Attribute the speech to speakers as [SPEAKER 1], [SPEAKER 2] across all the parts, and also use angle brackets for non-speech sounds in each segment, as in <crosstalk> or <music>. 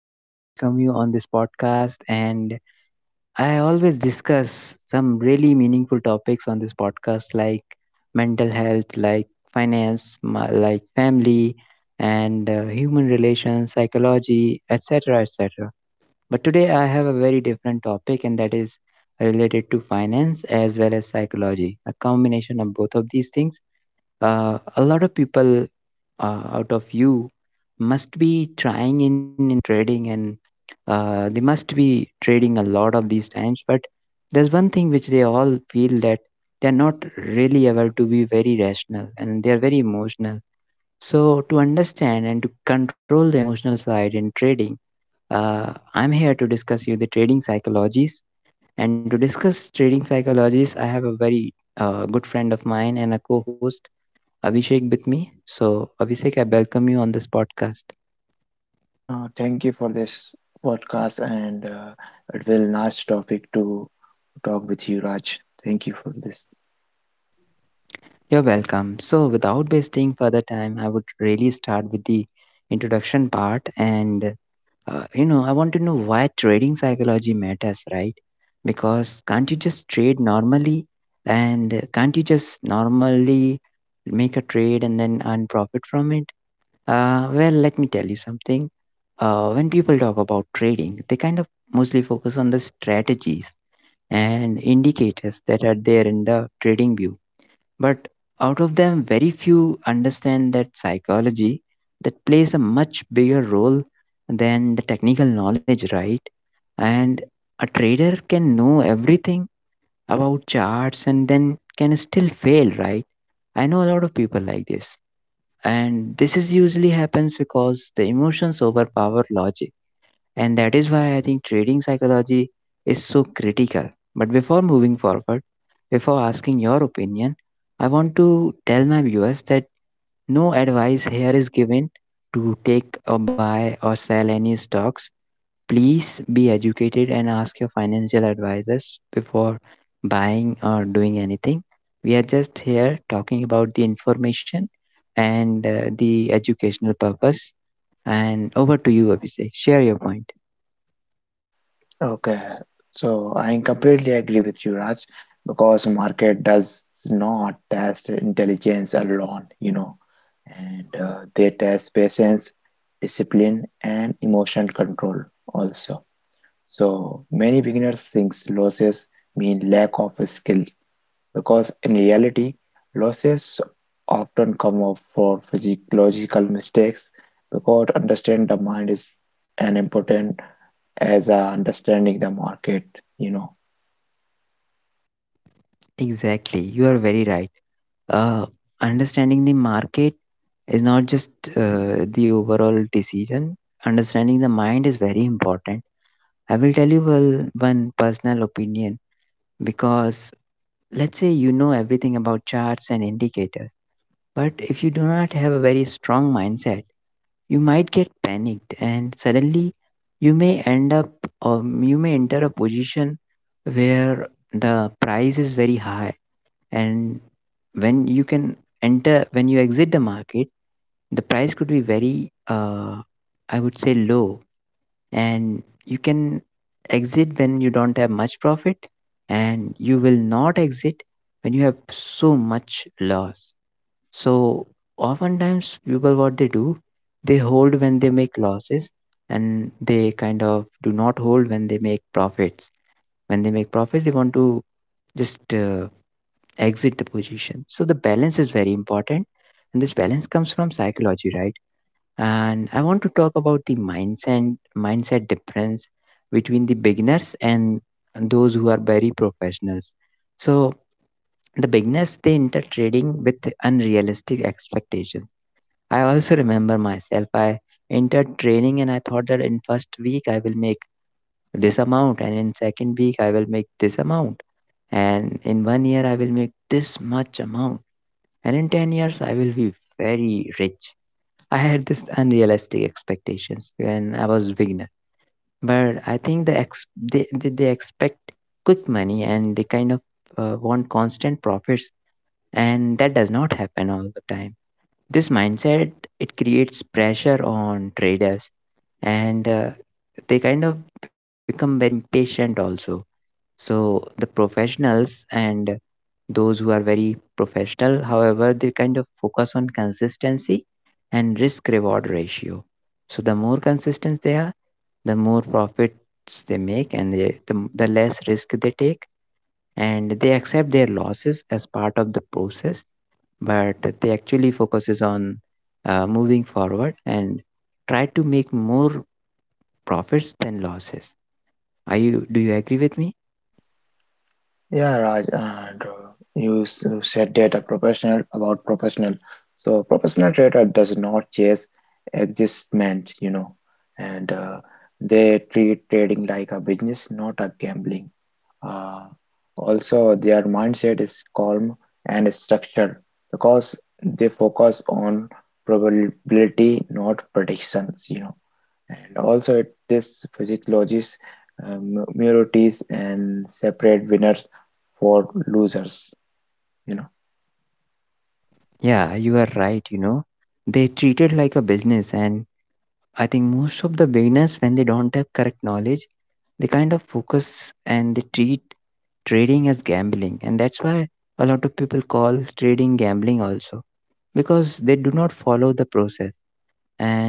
[SPEAKER 1] Hello, everybody. I welcome you on this podcast. And I always discuss some really meaningful topics on this podcast, like mental health, like finance, like family, and human relations, psychology, etc. etc. But today I have a very different topic, and that is related to finance as well as psychology, a combination of both of these things. A lot of people out of you must be trying in trading and they must be trading a lot of these times, but there's one thing which they all feel, that they're not really able to be very rational and they're very emotional. So to understand and to control the emotional side in trading, I'm here to discuss you the trading psychologies. And to discuss trading psychologies, I have a very good friend of mine and a co-host, Abhishek, with me. So, Abhishek, I welcome you on this podcast.
[SPEAKER 2] Thank you for this podcast, and it will nice topic to talk with you, Raj. Thank you for this.
[SPEAKER 1] You're welcome. So, without wasting further time, I would really start with the introduction part. And, I want to know why trading psychology matters, right? Because can't you just trade normally? And can't you just normally make a trade and then earn profit from it? Well, let me tell you something. When people talk about trading, they kind of mostly focus on the strategies and indicators that are there in the trading view. But out of them, very few understand that psychology, that plays a much bigger role than the technical knowledge, right? And a trader can know everything about charts and then can still fail, right? I know a lot of people like this. And this is usually happens because the emotions overpower logic, and that is why I think trading psychology is so critical. But before moving forward, before asking your opinion, I want to tell my viewers that no advice here is given to take or buy or sell any stocks. Please be educated and ask your financial advisors before buying or doing anything. We are just here talking about the information and the educational purpose. And over to you, Abhishek. Share your point.
[SPEAKER 2] Okay, so I completely agree with you, Raj, because market does not test intelligence alone, you know, and they test patience, discipline, and emotion control also. So many beginners think losses mean lack of skill because in reality, losses often come up for physiological mistakes because understand the mind is an important as understanding the market, you know.
[SPEAKER 1] Exactly, you are very right. Uh, understanding the market is not just the overall decision. Understanding the mind is very important. I will tell you well, one personal opinion, because let's say you know everything about charts and indicators, but if you do not have a very strong mindset, you might get panicked and suddenly you may end up, or you may enter a position where the price is very high. And when you can enter, when you exit the market, the price could be very I would say low, and you can exit when you don't have much profit, and you will not exit when you have so much loss. So oftentimes people, what they do, they hold when they make losses, and they kind of do not hold when they make profits. When they make profits, they want to just exit the position. So the balance is very important, and this balance comes from psychology, right? And I want to talk about the mindset difference between the beginners and those who are very professionals. So the beginners, they enter trading with unrealistic expectations. I also remember myself. I entered training and I thought that in first week I will make this amount, and in second week I will make this amount, and in one year I will make this much amount, and in 10 years I will be very rich. I had this unrealistic expectations when I was beginner, but I think they expect quick money and they kind of want constant profits, and that does not happen all the time. This mindset, it creates pressure on traders, and they kind of become very impatient also. So the professionals and those who are very professional, however, they kind of focus on consistency and risk reward ratio. So the more consistent they are, the more profits they make, and the less risk they take. And they accept their losses as part of the process, but they actually focuses on moving forward and try to make more profits than losses. Do you agree with me?
[SPEAKER 2] Yeah, Raj, and you said that a professional about professional. So professional trader does not chase adjustment, you know, and they treat trading like a business, not a gambling. Uh, Also, their mindset is calm and structured because they focus on probability, not predictions, you know. And also, it tests physiologies, murities, and separate winners for losers, you know.
[SPEAKER 1] Yeah, you are right, you know. They treat it like a business, and I think most of the beginners, when they don't have correct knowledge, they kind of focus and they treat trading as gambling. And that's why a lot of people call trading gambling also, because they do not follow the process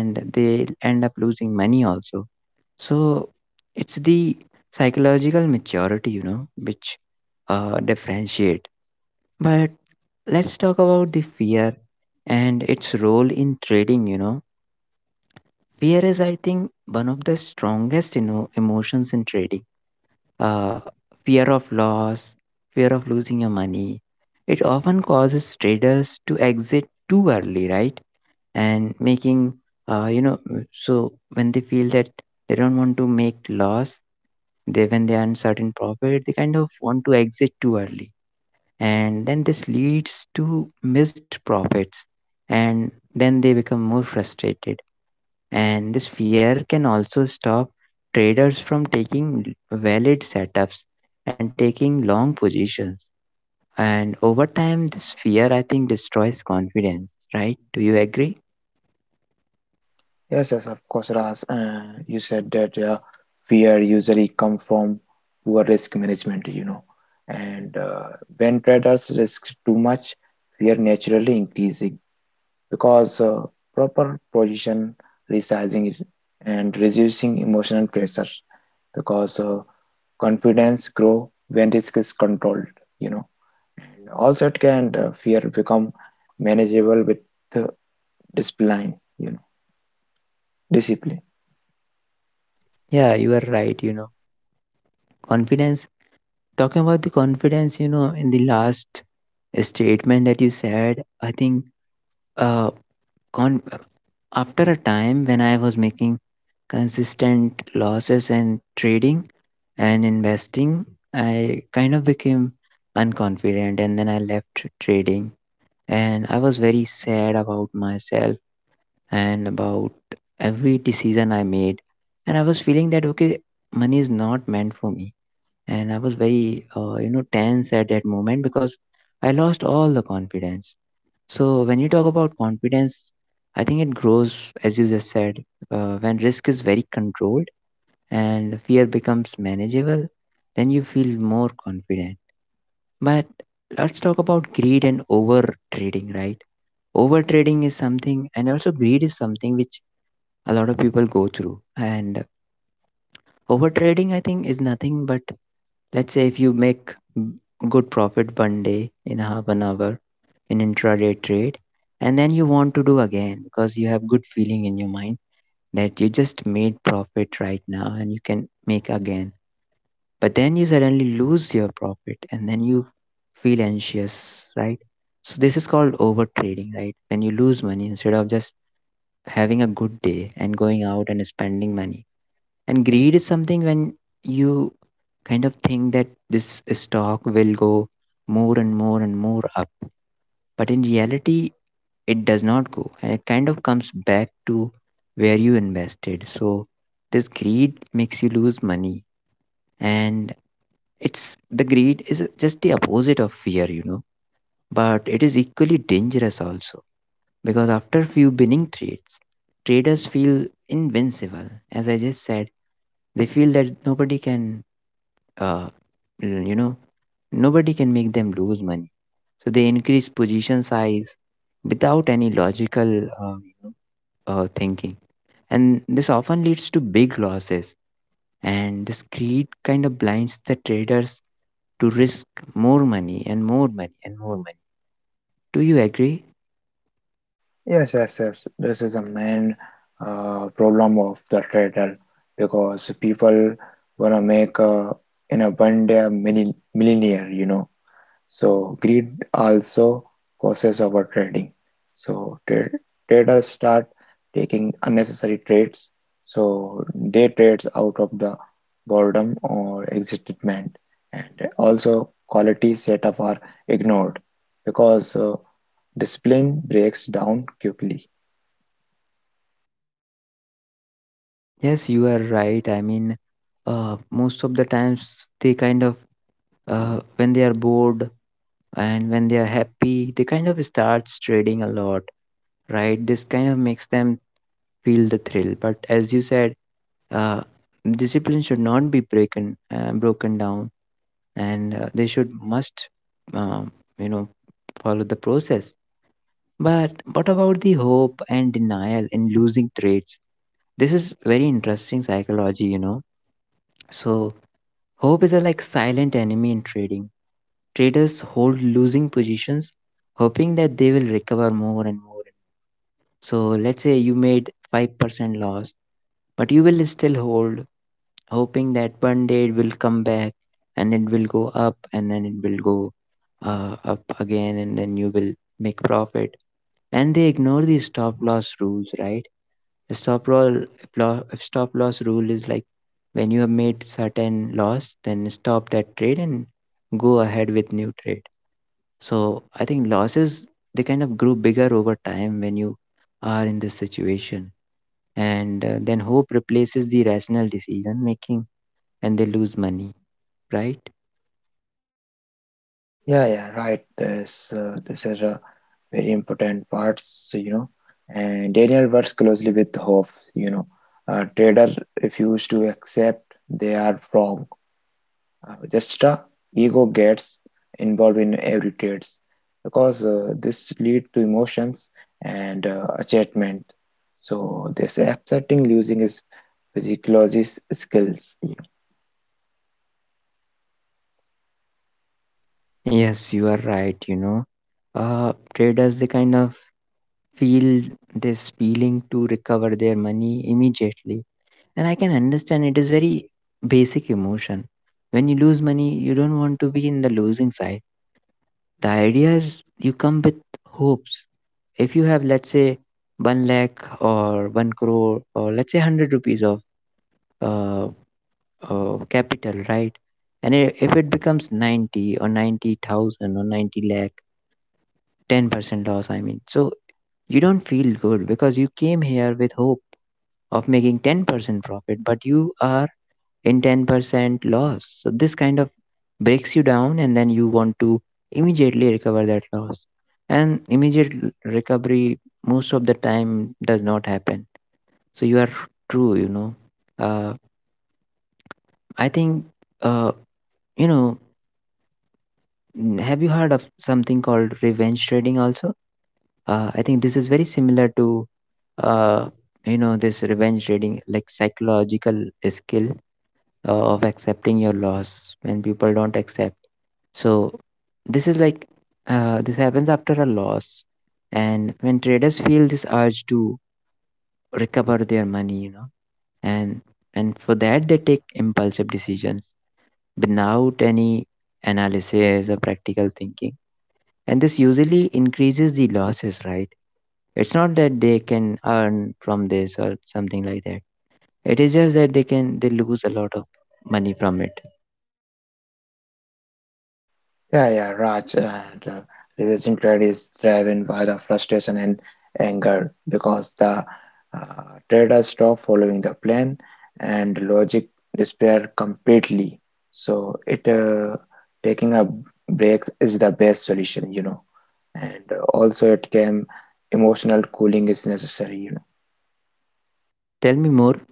[SPEAKER 1] and they end up losing money also. So it's the psychological maturity, you know, which differentiate. But let's talk about the fear and its role in trading, you know. Fear is, I think, one of the strongest, you know, emotions in trading. Uh, fear of loss, fear of losing your money. It often causes traders to exit too early, right? And making, uh, you know, so when they feel that they don't want to make loss, they when they earn certain profit, they kind of want to exit too early, and then this leads to missed profits, and then they become more frustrated, and this fear can also stop traders from taking valid setups and taking long positions. And over time, this fear, I think, destroys confidence, right? Do you agree?
[SPEAKER 2] Yes, yes, of course, Ras. You said that fear usually come from poor risk management, you know. And when traders risk too much, fear naturally increases because proper position resizing and reducing emotional pressure because confidence grow when risk is controlled, you know. And also it can fear become manageable with uh, discipline, you know, discipline.
[SPEAKER 1] Yeah, you are right. You know, confidence, talking about the confidence, you know, in the last statement that you said, I think uh, con- after a time when I was making consistent losses and trading and investing, I kind of became unconfident and then I left trading. And I was very sad about myself and about every decision I made. And I was feeling that, okay, money is not meant for me. And I was very, tense at that moment because I lost all the confidence. So when you talk about confidence, I think it grows, as you just said, when risk is very controlled and fear becomes manageable, then you feel more confident. But let's talk about greed and over trading, right? Over trading is something, and also greed is something which a lot of people go through. And over trading, I think, is nothing but, let's say, if you make mm, good profit one day in half an hour in intraday trade, and then you want to do again because you have good feeling in your mind that you just made profit right now and you can make again, but then you suddenly lose your profit and then you feel anxious, right? So this is called overtrading, right, when you lose money instead of just having a good day and going out and spending money. And greed is something when you kind of think that this stock will go more and more and more up, but in reality it does not go and it kind of comes back to where you invested. So this greed makes you lose money. And it's the greed is just the opposite of fear, you know, but it is equally dangerous also, because after few winning trades, traders feel invincible. As I just said, they feel that nobody can, uh, l- you know, nobody can make them lose money. So they increase position size without any logical thinking. And this often leads to big losses. And this greed kind of blinds the traders to risk more money and more money and more money. Do you agree?
[SPEAKER 2] Yes, yes, yes, this is a main problem of the trader because people wanna make in a one day a millionaire, you know. So greed also causes overtrading. So traders start taking unnecessary trades. So they trade out of the boredom or excitement, and also quality setup are ignored because discipline breaks down quickly.
[SPEAKER 1] Yes, you are right. I mean, most of the times they kind of, when they are bored and when they are happy, they kind of starts trading a lot, right? This kind of makes them feel the thrill. But as you said, uh, discipline should not be broken, broken down, and they should must, um, you know, follow the process. But what about the hope and denial in losing trades? This is very interesting psychology, you know. So hope is a like silent enemy in trading. Traders hold losing positions, hoping that they will recover more and more. So let's say you made 5% loss, but you will still hold, hoping that one day it will come back and it will go up and then it will go up again and then you will make profit. And they ignore the stop loss rules, right? Stop roll law stop loss rule is like when you have made certain loss, then stop that trade and go ahead with new trade. So I think losses, they kind of grow bigger over time when you are in this situation, and then hope replaces the rational decision making, and they lose money, right?
[SPEAKER 2] Yeah, yeah, right. This is a very important parts, you know. And Daniel works closely with Hoff, you know. Trader refuse to accept they are wrong. Just ego gets involved in every trades because this lead to emotions and attachment. So this accepting losing is physiologist skills.
[SPEAKER 1] Yes, you are right. You know, traders they kind of feel this feeling to recover their money immediately. And I can understand it is very basic emotion. When you lose money, you don't want to be in the losing side. The idea is you come with hopes. If you have, let's say, one lakh or one crore or let's say 100 rupees of uh, capital, right? And if it becomes 90 or 90,000 or 90 lakh, 10% loss, I mean, so you don't feel good because you came here with hope of making 10% profit, but you are in 10% loss. So this kind of breaks you down, and then you want to immediately recover that loss. And recovery most of the time does not happen. So you are true, you know. Uh, I think, uh, you know, have you heard of something called revenge trading also? I think this is very similar to, uh, this revenge trading, like psychological skill of accepting your loss when people don't accept. So this is like this happens after a loss, and when traders feel this urge to recover their money, you know, and and for that they take impulsive decisions without any analysis or practical thinking, and this usually increases the losses, right? It's not that they can earn from this or something like that. It is just that they lose a lot of money from it.
[SPEAKER 2] Yeah, yeah, Raj. And, reversing trade is driven by the frustration and anger because the uh, traders stop following the plan and logic despair completely. So it taking a break is the best solution, you know. And also it can emotional cooling is necessary, you know.
[SPEAKER 1] Tell me more.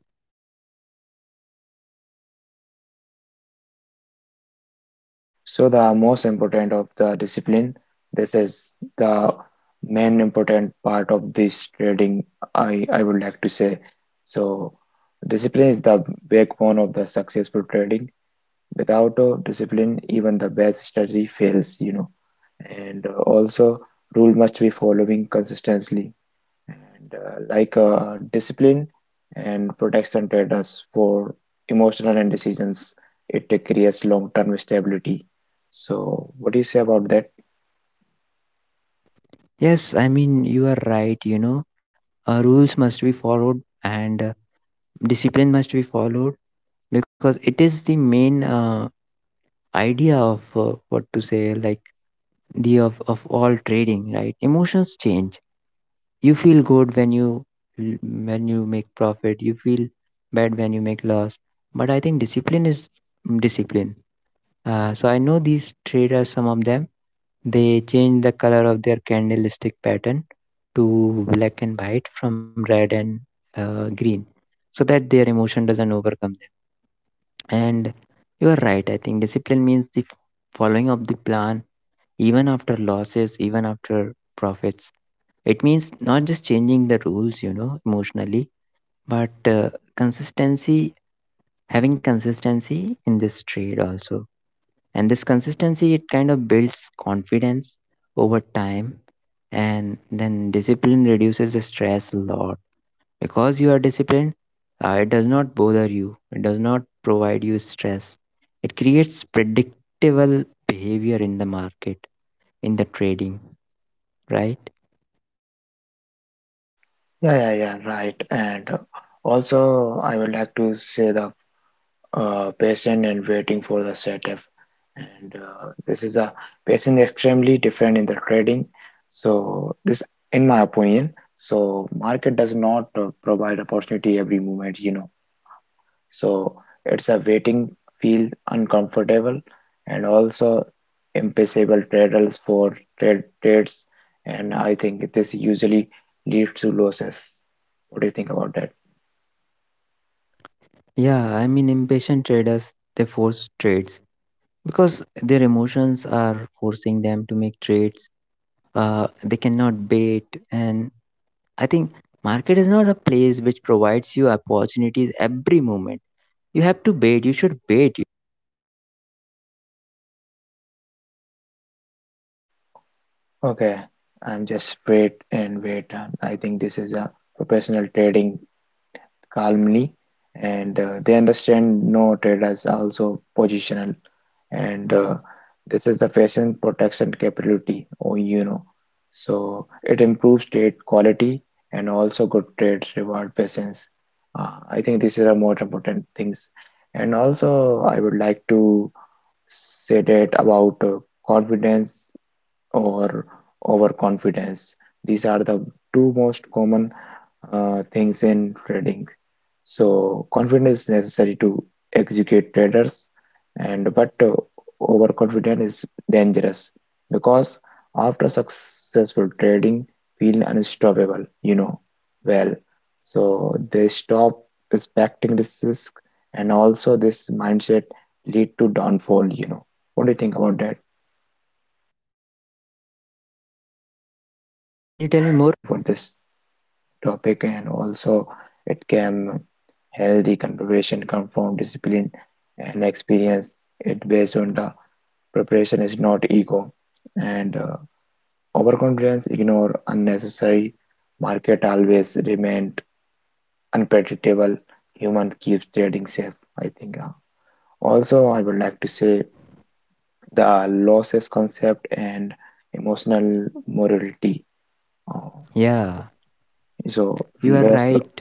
[SPEAKER 2] So the most important of the discipline, this is the main important part of this trading, I would like to say. So discipline is the backbone of the successful trading. Without discipline, even the best strategy fails, you know. And also, rule must be following consistently and discipline and protection trade us for emotional and decisions. It creates long-term stability. So, what do you say about that?
[SPEAKER 1] Yes, I mean, you are right, you know. Rules must be followed, and discipline must be followed because it is the main idea of what to say, like of all trading, right? Emotions change. You feel good when you make profit. You feel bad when you make loss. But I think discipline is discipline. So I know these traders, some of them, they change the color of their candlestick pattern to black and white from red and green, so that their emotion doesn't overcome them. And you are right, I think discipline means the following of the plan, even after losses, even after profits. It means not just changing the rules, you know, emotionally, but consistency, having consistency in this trade also. And this consistency, it kind of builds confidence over time. And then discipline reduces the stress a lot. Because you are disciplined, it does not bother you, it does not provide you stress. It creates predictable behavior in the market, in the trading, right?
[SPEAKER 2] Yeah, yeah, yeah, right. And also, I would like to say the patient and waiting for the setup. And this is a patient extremely different in the trading. So this, in my opinion, so market does not provide opportunity every moment, you know. So it's a waiting feel uncomfortable and also impossible traders for trades. And I think this usually leads to losses. What do you think about that?
[SPEAKER 1] Yeah, I mean, impatient traders they force trades because their emotions are forcing them to make trades. They cannot wait, and I think market is not a place which provides you opportunities every moment. You have to wait. You should wait.
[SPEAKER 2] Okay, I'm just wait and wait. I think this is a professional trading calmly, and they understand no traders also positional and this is the patient protection capability, or you know, so it improves trade quality and also good trade reward patients. I think these are the more important things, and also I would like to say that about confidence or overconfidence. These are the two most common things in trading. So confidence is necessary to execute traders, and but overconfidence is dangerous because after successful trading, feel unstoppable. You know, well, so they stop respecting this risk, and also this mindset lead to downfall. You know, what do you think about that?
[SPEAKER 1] Can you tell me more?
[SPEAKER 2] Thank you for this topic, and also it can healthy conversation, come discipline and experience it based on the preparation is not ego, and overconfidence ignore unnecessary market always remained unpredictable. Human keeps trading safe, I think. Also, I would like to say the losses concept and emotional morality. Uh,
[SPEAKER 1] Yeah,
[SPEAKER 2] so
[SPEAKER 1] you are
[SPEAKER 2] loss,
[SPEAKER 1] right,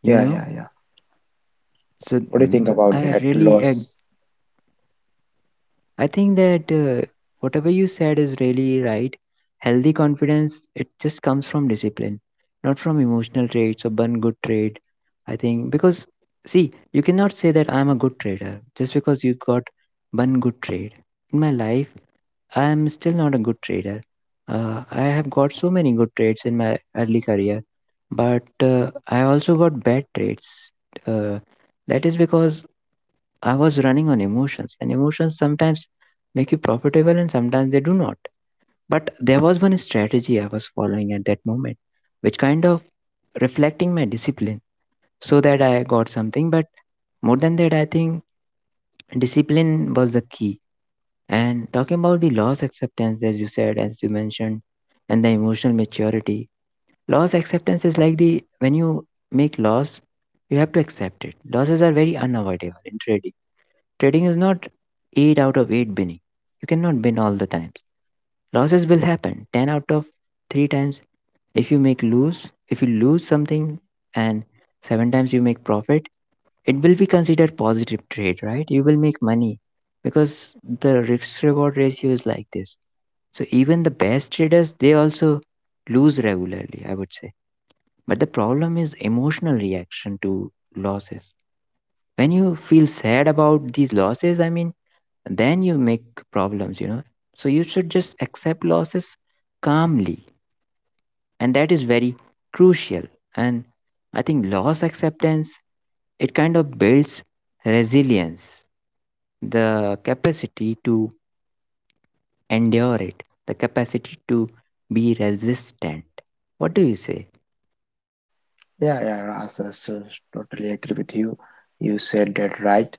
[SPEAKER 1] you
[SPEAKER 2] yeah,
[SPEAKER 1] know.
[SPEAKER 2] yeah, yeah.
[SPEAKER 1] So
[SPEAKER 2] What do you think about
[SPEAKER 1] i
[SPEAKER 2] that
[SPEAKER 1] really ag-
[SPEAKER 2] loss?
[SPEAKER 1] I think that whatever you said is really right. Healthy confidence, it just comes from discipline, not from emotional traits or one good trait. I think because, see, you cannot say that I'm a good trader just because you got one good trade in my life. I am still not a good trader. I have got so many good trades in my early career, but I also got bad trades. uh, that is because I was running on emotions, and emotions sometimes make you profitable and sometimes they do not. But there was one strategy I was following at that moment, which kind of reflecting my discipline, so that I got something. But more than that, I think discipline was the key. And talking about the loss acceptance, as you said, as you mentioned, and the emotional maturity, loss acceptance is like the when you make loss, you have to accept it. Losses are very unavoidable in trading. Trading is not 8 out of 8 binning. You cannot bin all the times. Losses will happen 10 out of 3 times. If you make lose, if you lose something and 7 times you make profit, it will be considered positive trade, right? You will make money because the risk reward ratio is like this. So even the best traders they also lose regularly, I would say. But the problem is emotional reaction to losses. When you feel sad about these losses, I mean, then you make problems, you know. So you should just accept losses calmly, and that is very crucial. And I think loss acceptance, it kind of builds resilience, the capacity to endure it, the capacity to be resistant. What do you say?
[SPEAKER 2] Yeah, yeah, Ras, I so totally agree with you. You said that right.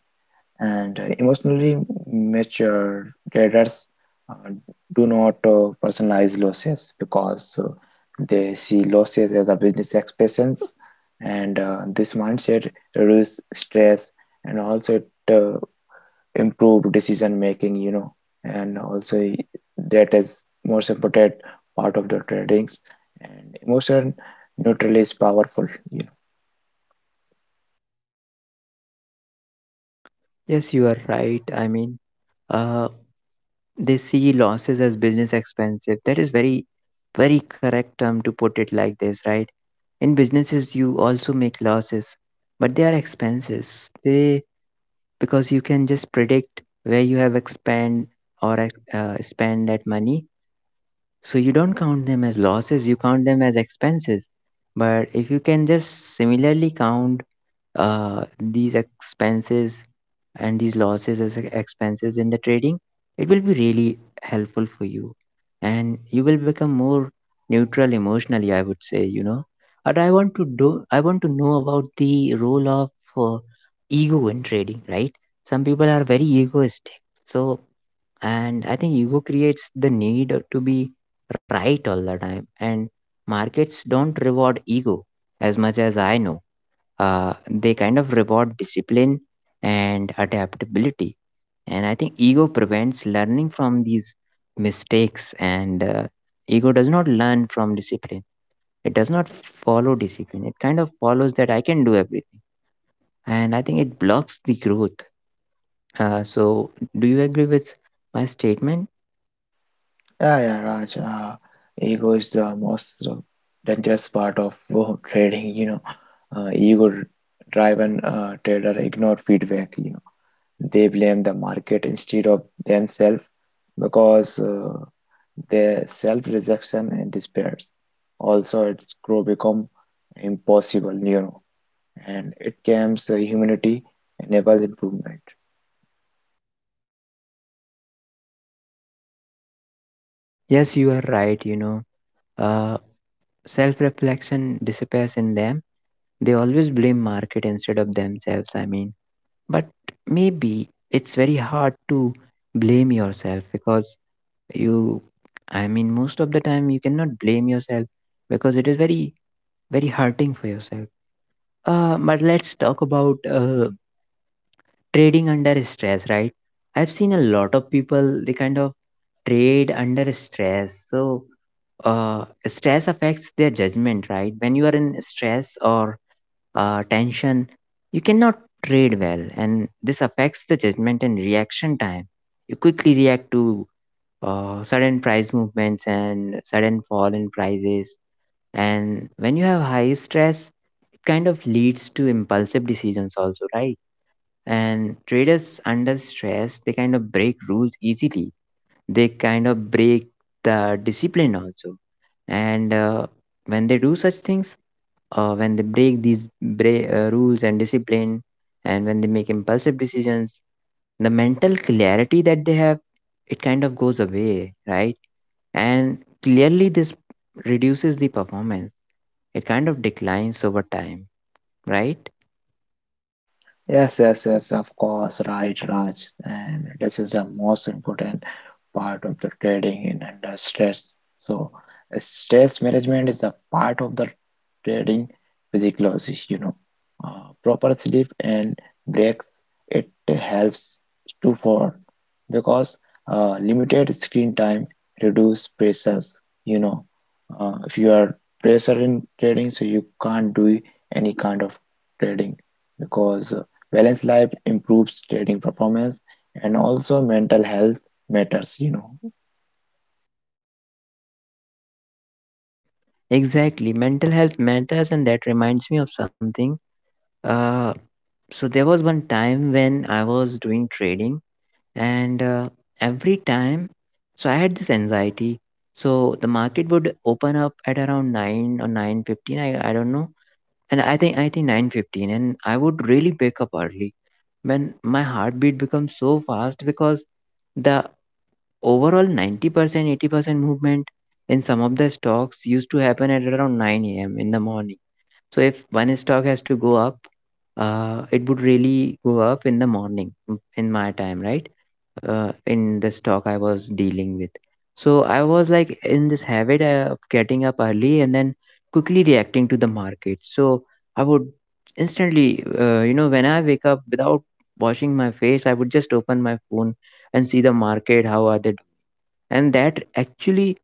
[SPEAKER 2] And emotionally mature traders uh, do not personalize losses because they see losses as a business expense, and this mindset reduces stress, and also it uh, improve decision making, you know. And also, that is most important part of the tradings and emotion neutral is powerful.
[SPEAKER 1] Yes, you are right, I mean. uh, they see losses as business expensive, that is very very correct term to put it like this, right? In businesses you also make losses, but they are expenses, they, because you can just predict where you have expand or spend that money. So you don't count them as losses, you count them as expenses. But if you can just similarly count uh, these expenses and these losses as expenses in the trading, it will be really helpful for you. And you will become more neutral emotionally, I would say, you know. And I want to know about the role of uh, ego in trading, right? Some people are very egoistic. So, and I think ego creates the need to be right all the time. And markets don't reward ego as much as I know. They kind of reward discipline and adaptability. And I think ego prevents learning from these mistakes, and ego does not learn from discipline. It does not follow discipline. It kind of follows that I can do everything. And I think it blocks the growth. So, do you agree with my statement?
[SPEAKER 2] Yeah, yeah, Raj. Ego is the most dangerous part of <laughs> trading. You know, ego-driven trader ignore feedback. You know, they blame the market instead of themselves because their self-rejection and despairs. Also, it's grow become impossible. You know, and it comes humanity enables improvement.
[SPEAKER 1] Yes, you are right, you know. uh, Self reflection disappears in them. They always blame market instead of themselves. I mean, but maybe it's very hard to blame yourself because you, I mean, most of the time you cannot blame yourself because it is very very hurting for yourself. But let's talk about trading under stress, right? I've seen a lot of people they kind of trade under stress. So stress affects their judgment, right? When you are in stress or tension, you cannot trade well, and this affects the judgment and reaction time. You quickly react to sudden price movements and sudden fall in prices, and when you have high stress, it kind of leads to impulsive decisions also, right? And traders under stress, they kind of break rules easily. They kind of break the discipline also, and when they do such things, when they break these rules and discipline, and when they make impulsive decisions, the mental clarity that they have, it kind of goes away, right? And clearly this reduces the performance, it kind of declines over time, right?
[SPEAKER 2] Yes, yes, yes. Of course, right, Raj. And this is the most important part of the trading in under stress. So stress management is a part of the trading physiology, you know. Proper sleep and breaks, it helps to for because limited screen time reduce pressures, you know. If you are pressure in trading, so you can't do any kind of trading because balanced life improves trading performance and also mental health matters, you know.
[SPEAKER 1] Exactly, mental health matters, and that reminds me of something. uh so there was one time when I was doing trading, and every time, so I had this anxiety. So the market would open up at around 9 or 9:15, I don't know, and I think 9:15, and I would really wake up early when my heartbeat becomes so fast because the overall 90% 80% movement in some of the stocks used to happen at around 9 a.m in the morning. So if one stock has to go up, it would really go up in the morning in my time, right? In this talk I was dealing with. So I was like in this habit of getting up early and then quickly reacting to the market. So I would instantly, you know, when I wake up without washing my face, I would just open my phone and see the market, how are they. And that actually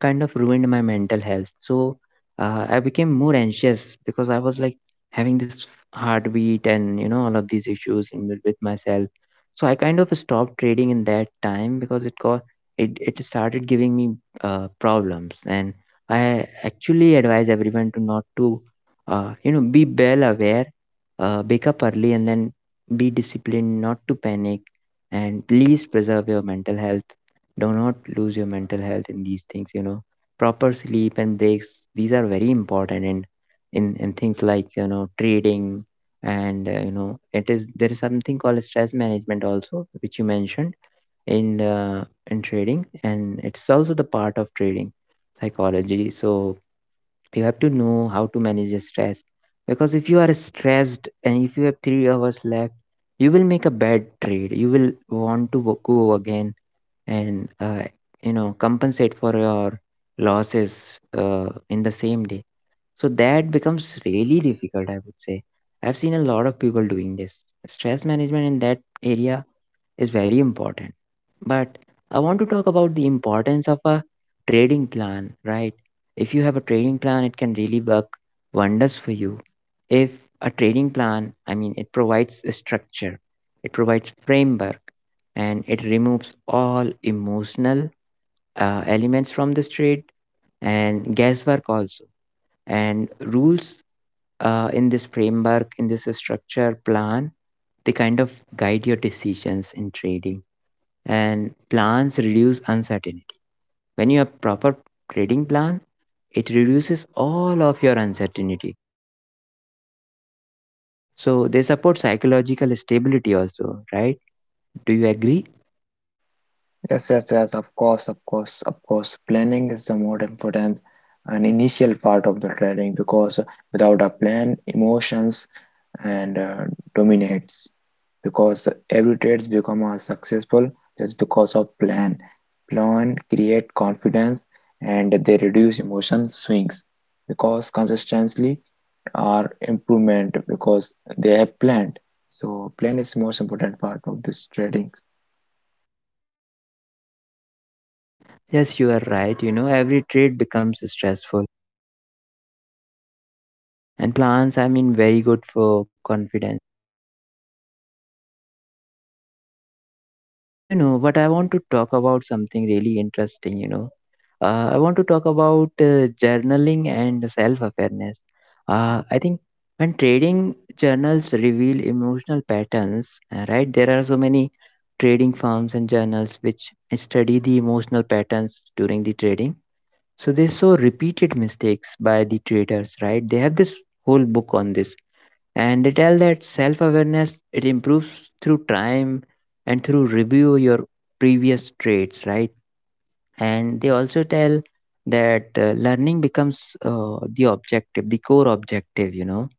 [SPEAKER 1] kind of ruined my mental health. So I became more anxious because I was like having this heartbeat and you know all of these issues in, with myself. So I kind of stopped trading in that time because it got, it started giving me problems. And I actually advise everyone to not to you know be well aware, wake up early, and then be disciplined, not to panic, and please preserve your mental health. Do not lose your mental health in these things, you know. Proper sleep and breaks, these are very important, and in things like, you know, trading, and you know, it is, there is something called stress management also, which you mentioned, in uh, in trading, and it's also the part of trading psychology. So you have to know how to manage your stress, because if you are stressed and if you have 3 hours left, you will make a bad trade, you will want to go again and you know compensate for your losses in the same day. So that becomes really difficult, I would say. I've seen a lot of people doing this. Stress management in that area is very important. But I want to talk about the importance of a trading plan, right? If you have a trading plan, it can really work wonders for you. If a trading plan, I mean, it provides a structure, it provides framework, and it removes all emotional elements from this trade and guesswork also. And rules in this framework, in this structure plan, they kind of guide your decisions in trading, and plans reduce uncertainty. When you have proper trading plan, it reduces all of your uncertainty. So they support psychological stability also, right? Do you agree?
[SPEAKER 2] Yes, yes, yes, of course, of course, of course. Planning is the more important and initial part of the trading because without a plan, emotions and dominates because every trade become a successful just because of plan. Plan create confidence and they reduce emotion swings because consistency are improvement because they have planned. So plan is most important part of this trading.
[SPEAKER 1] Yes, you are right, you know. Every trade becomes stressful. And plans, I mean, very good for confidence. You know, but I want to talk about something really interesting, you know. I want to talk about journaling and self awareness. I think when trading journals reveal emotional patterns, right, there are so many trading firms and journals which study the emotional patterns during the trading. So they saw repeated mistakes by the traders, right? They have this whole book on this, and they tell that self awareness, it improves through time and through review your previous traits, right? And they also tell that learning becomes the objective, the core objective, you know.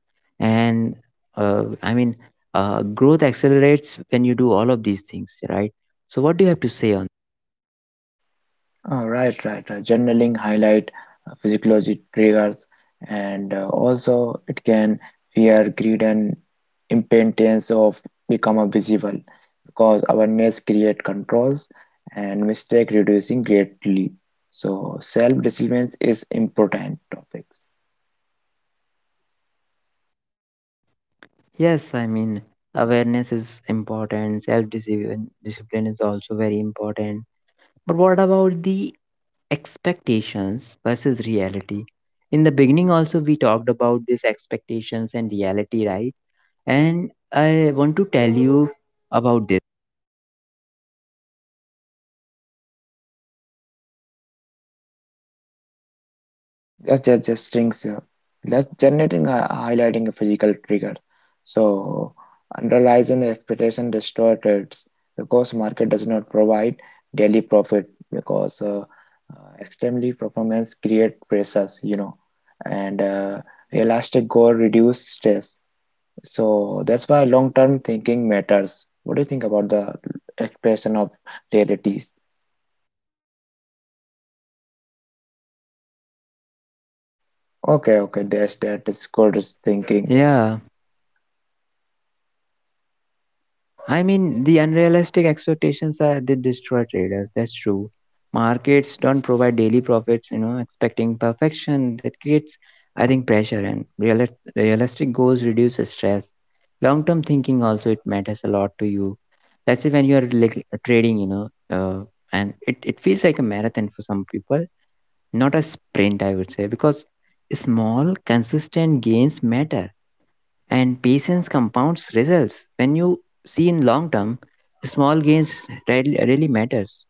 [SPEAKER 1] And uh, i mean growth accelerates when you do all of these things, right? So what do you have to say on?
[SPEAKER 2] Oh, right, right, right. Journaling highlight physiology triggers, and also it can fear, greed, and impatience of become a visible because awareness create controls and mistake reducing greatly. So self-resilience is important topics.
[SPEAKER 1] Yes, I mean, awareness is important, self discipline, discipline is also very important. But what about the expectations versus reality? In the beginning also we talked about this expectations and reality, right? And I want to tell you about this.
[SPEAKER 2] Just strings. Let's generating a highlighting a physical trigger. So underlies an expectation distorted because market does not provide daily profit because uh, extremely performance create pressures, you know, and realistic goal reduce stress. So that's why long-term thinking matters. What do you think about the expression of realities? Okay, okay, that's that is good thinking.
[SPEAKER 1] Yeah, I mean, the unrealistic expectations are they destroy traders. That's true. Markets don't provide daily profits, you know, expecting perfection, that creates, I think, pressure and realistic goals reduce stress. Long term thinking also, it matters a lot to you. Let's say when you are like trading, you know, and it feels like a marathon for some people, not a sprint, I would say, because small, consistent gains matter, and patience compounds results when you see in long term small gains really, really matters.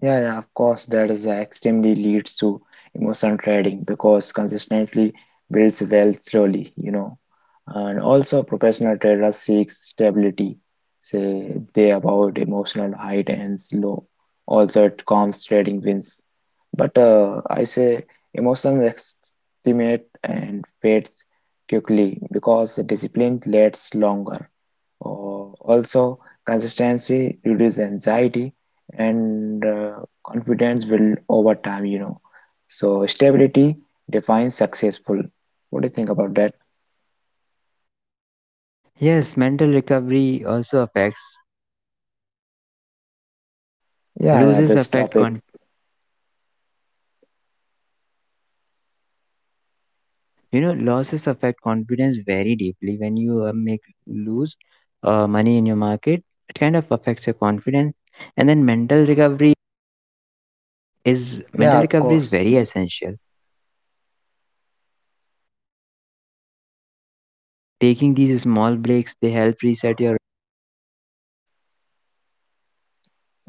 [SPEAKER 2] Yeah, yeah, of course, that is extremely leads to emotion trading because consistently builds wealth slowly, you know. And also, professional trader seeks stability, say they avoid emotional high and low. Also, it calms trading wins. But I say emotions estimate and fades quickly because discipline lasts longer. Also, consistency reduces anxiety and confidence will over time, you know. So, stability defines successful. What do you think about that?
[SPEAKER 1] Yes, mental recovery also affects.
[SPEAKER 2] Yeah, yeah,
[SPEAKER 1] loses
[SPEAKER 2] this
[SPEAKER 1] affect con-
[SPEAKER 2] topic.
[SPEAKER 1] you know, losses affect confidence very deeply when you make lose money in your market. It kind of affects your confidence. And then
[SPEAKER 2] Yeah,
[SPEAKER 1] mental
[SPEAKER 2] of
[SPEAKER 1] recovery is
[SPEAKER 2] course.
[SPEAKER 1] very essential. Taking these small breaks, they help reset your.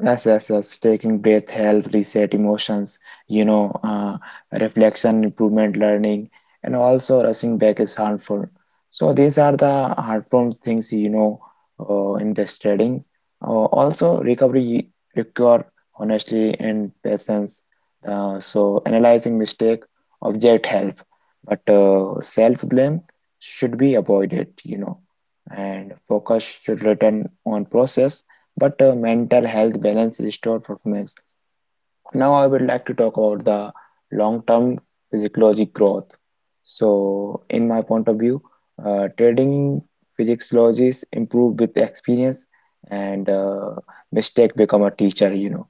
[SPEAKER 2] Yes, yes, yes. Taking breath help reset emotions, you know, reflection, improvement, learning, and also rushing back is harmful. So these are the harmful things, you know, in this trading. Also, recovery require honestly and patience. So analyzing mistake, object help, but self-blame should be avoided, you know, and focus should return on process but mental health balance restore performance. Now I would like to talk about the long-term physiologic growth. So, in my point of view, trading physiologies improve with experience, and mistake become a teacher. You know,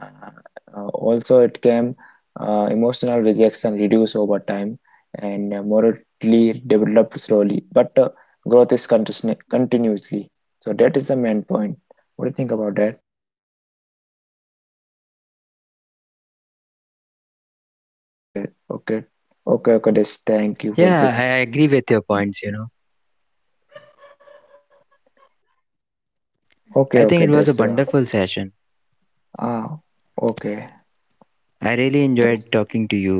[SPEAKER 2] also it can emotional rejection reduce over time, and morally develop slowly, but growth is continuously. So that is the main point. What do you think about that? Okay, okay, okay, okay. That's thank you for
[SPEAKER 1] Yeah, I
[SPEAKER 2] this.
[SPEAKER 1] agree with your points, you know. I think
[SPEAKER 2] Okay,
[SPEAKER 1] it
[SPEAKER 2] okay.
[SPEAKER 1] was a wonderful session.
[SPEAKER 2] Ah, okay.
[SPEAKER 1] I really enjoyed
[SPEAKER 2] That's
[SPEAKER 1] talking to you.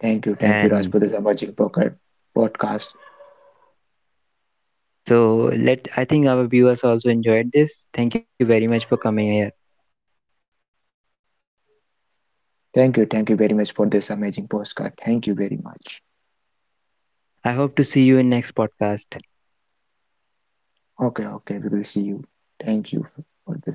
[SPEAKER 2] thank you,
[SPEAKER 1] And
[SPEAKER 2] Raj, for this amazing pocket podcast.
[SPEAKER 1] so, let I think our viewers also enjoyed this. Thank you very much for coming here.
[SPEAKER 2] Thank you very much for this amazing postcard. Thank you very much.
[SPEAKER 1] I hope to see you in next podcast.
[SPEAKER 2] Okay, okay. We will see you. Thank you for this.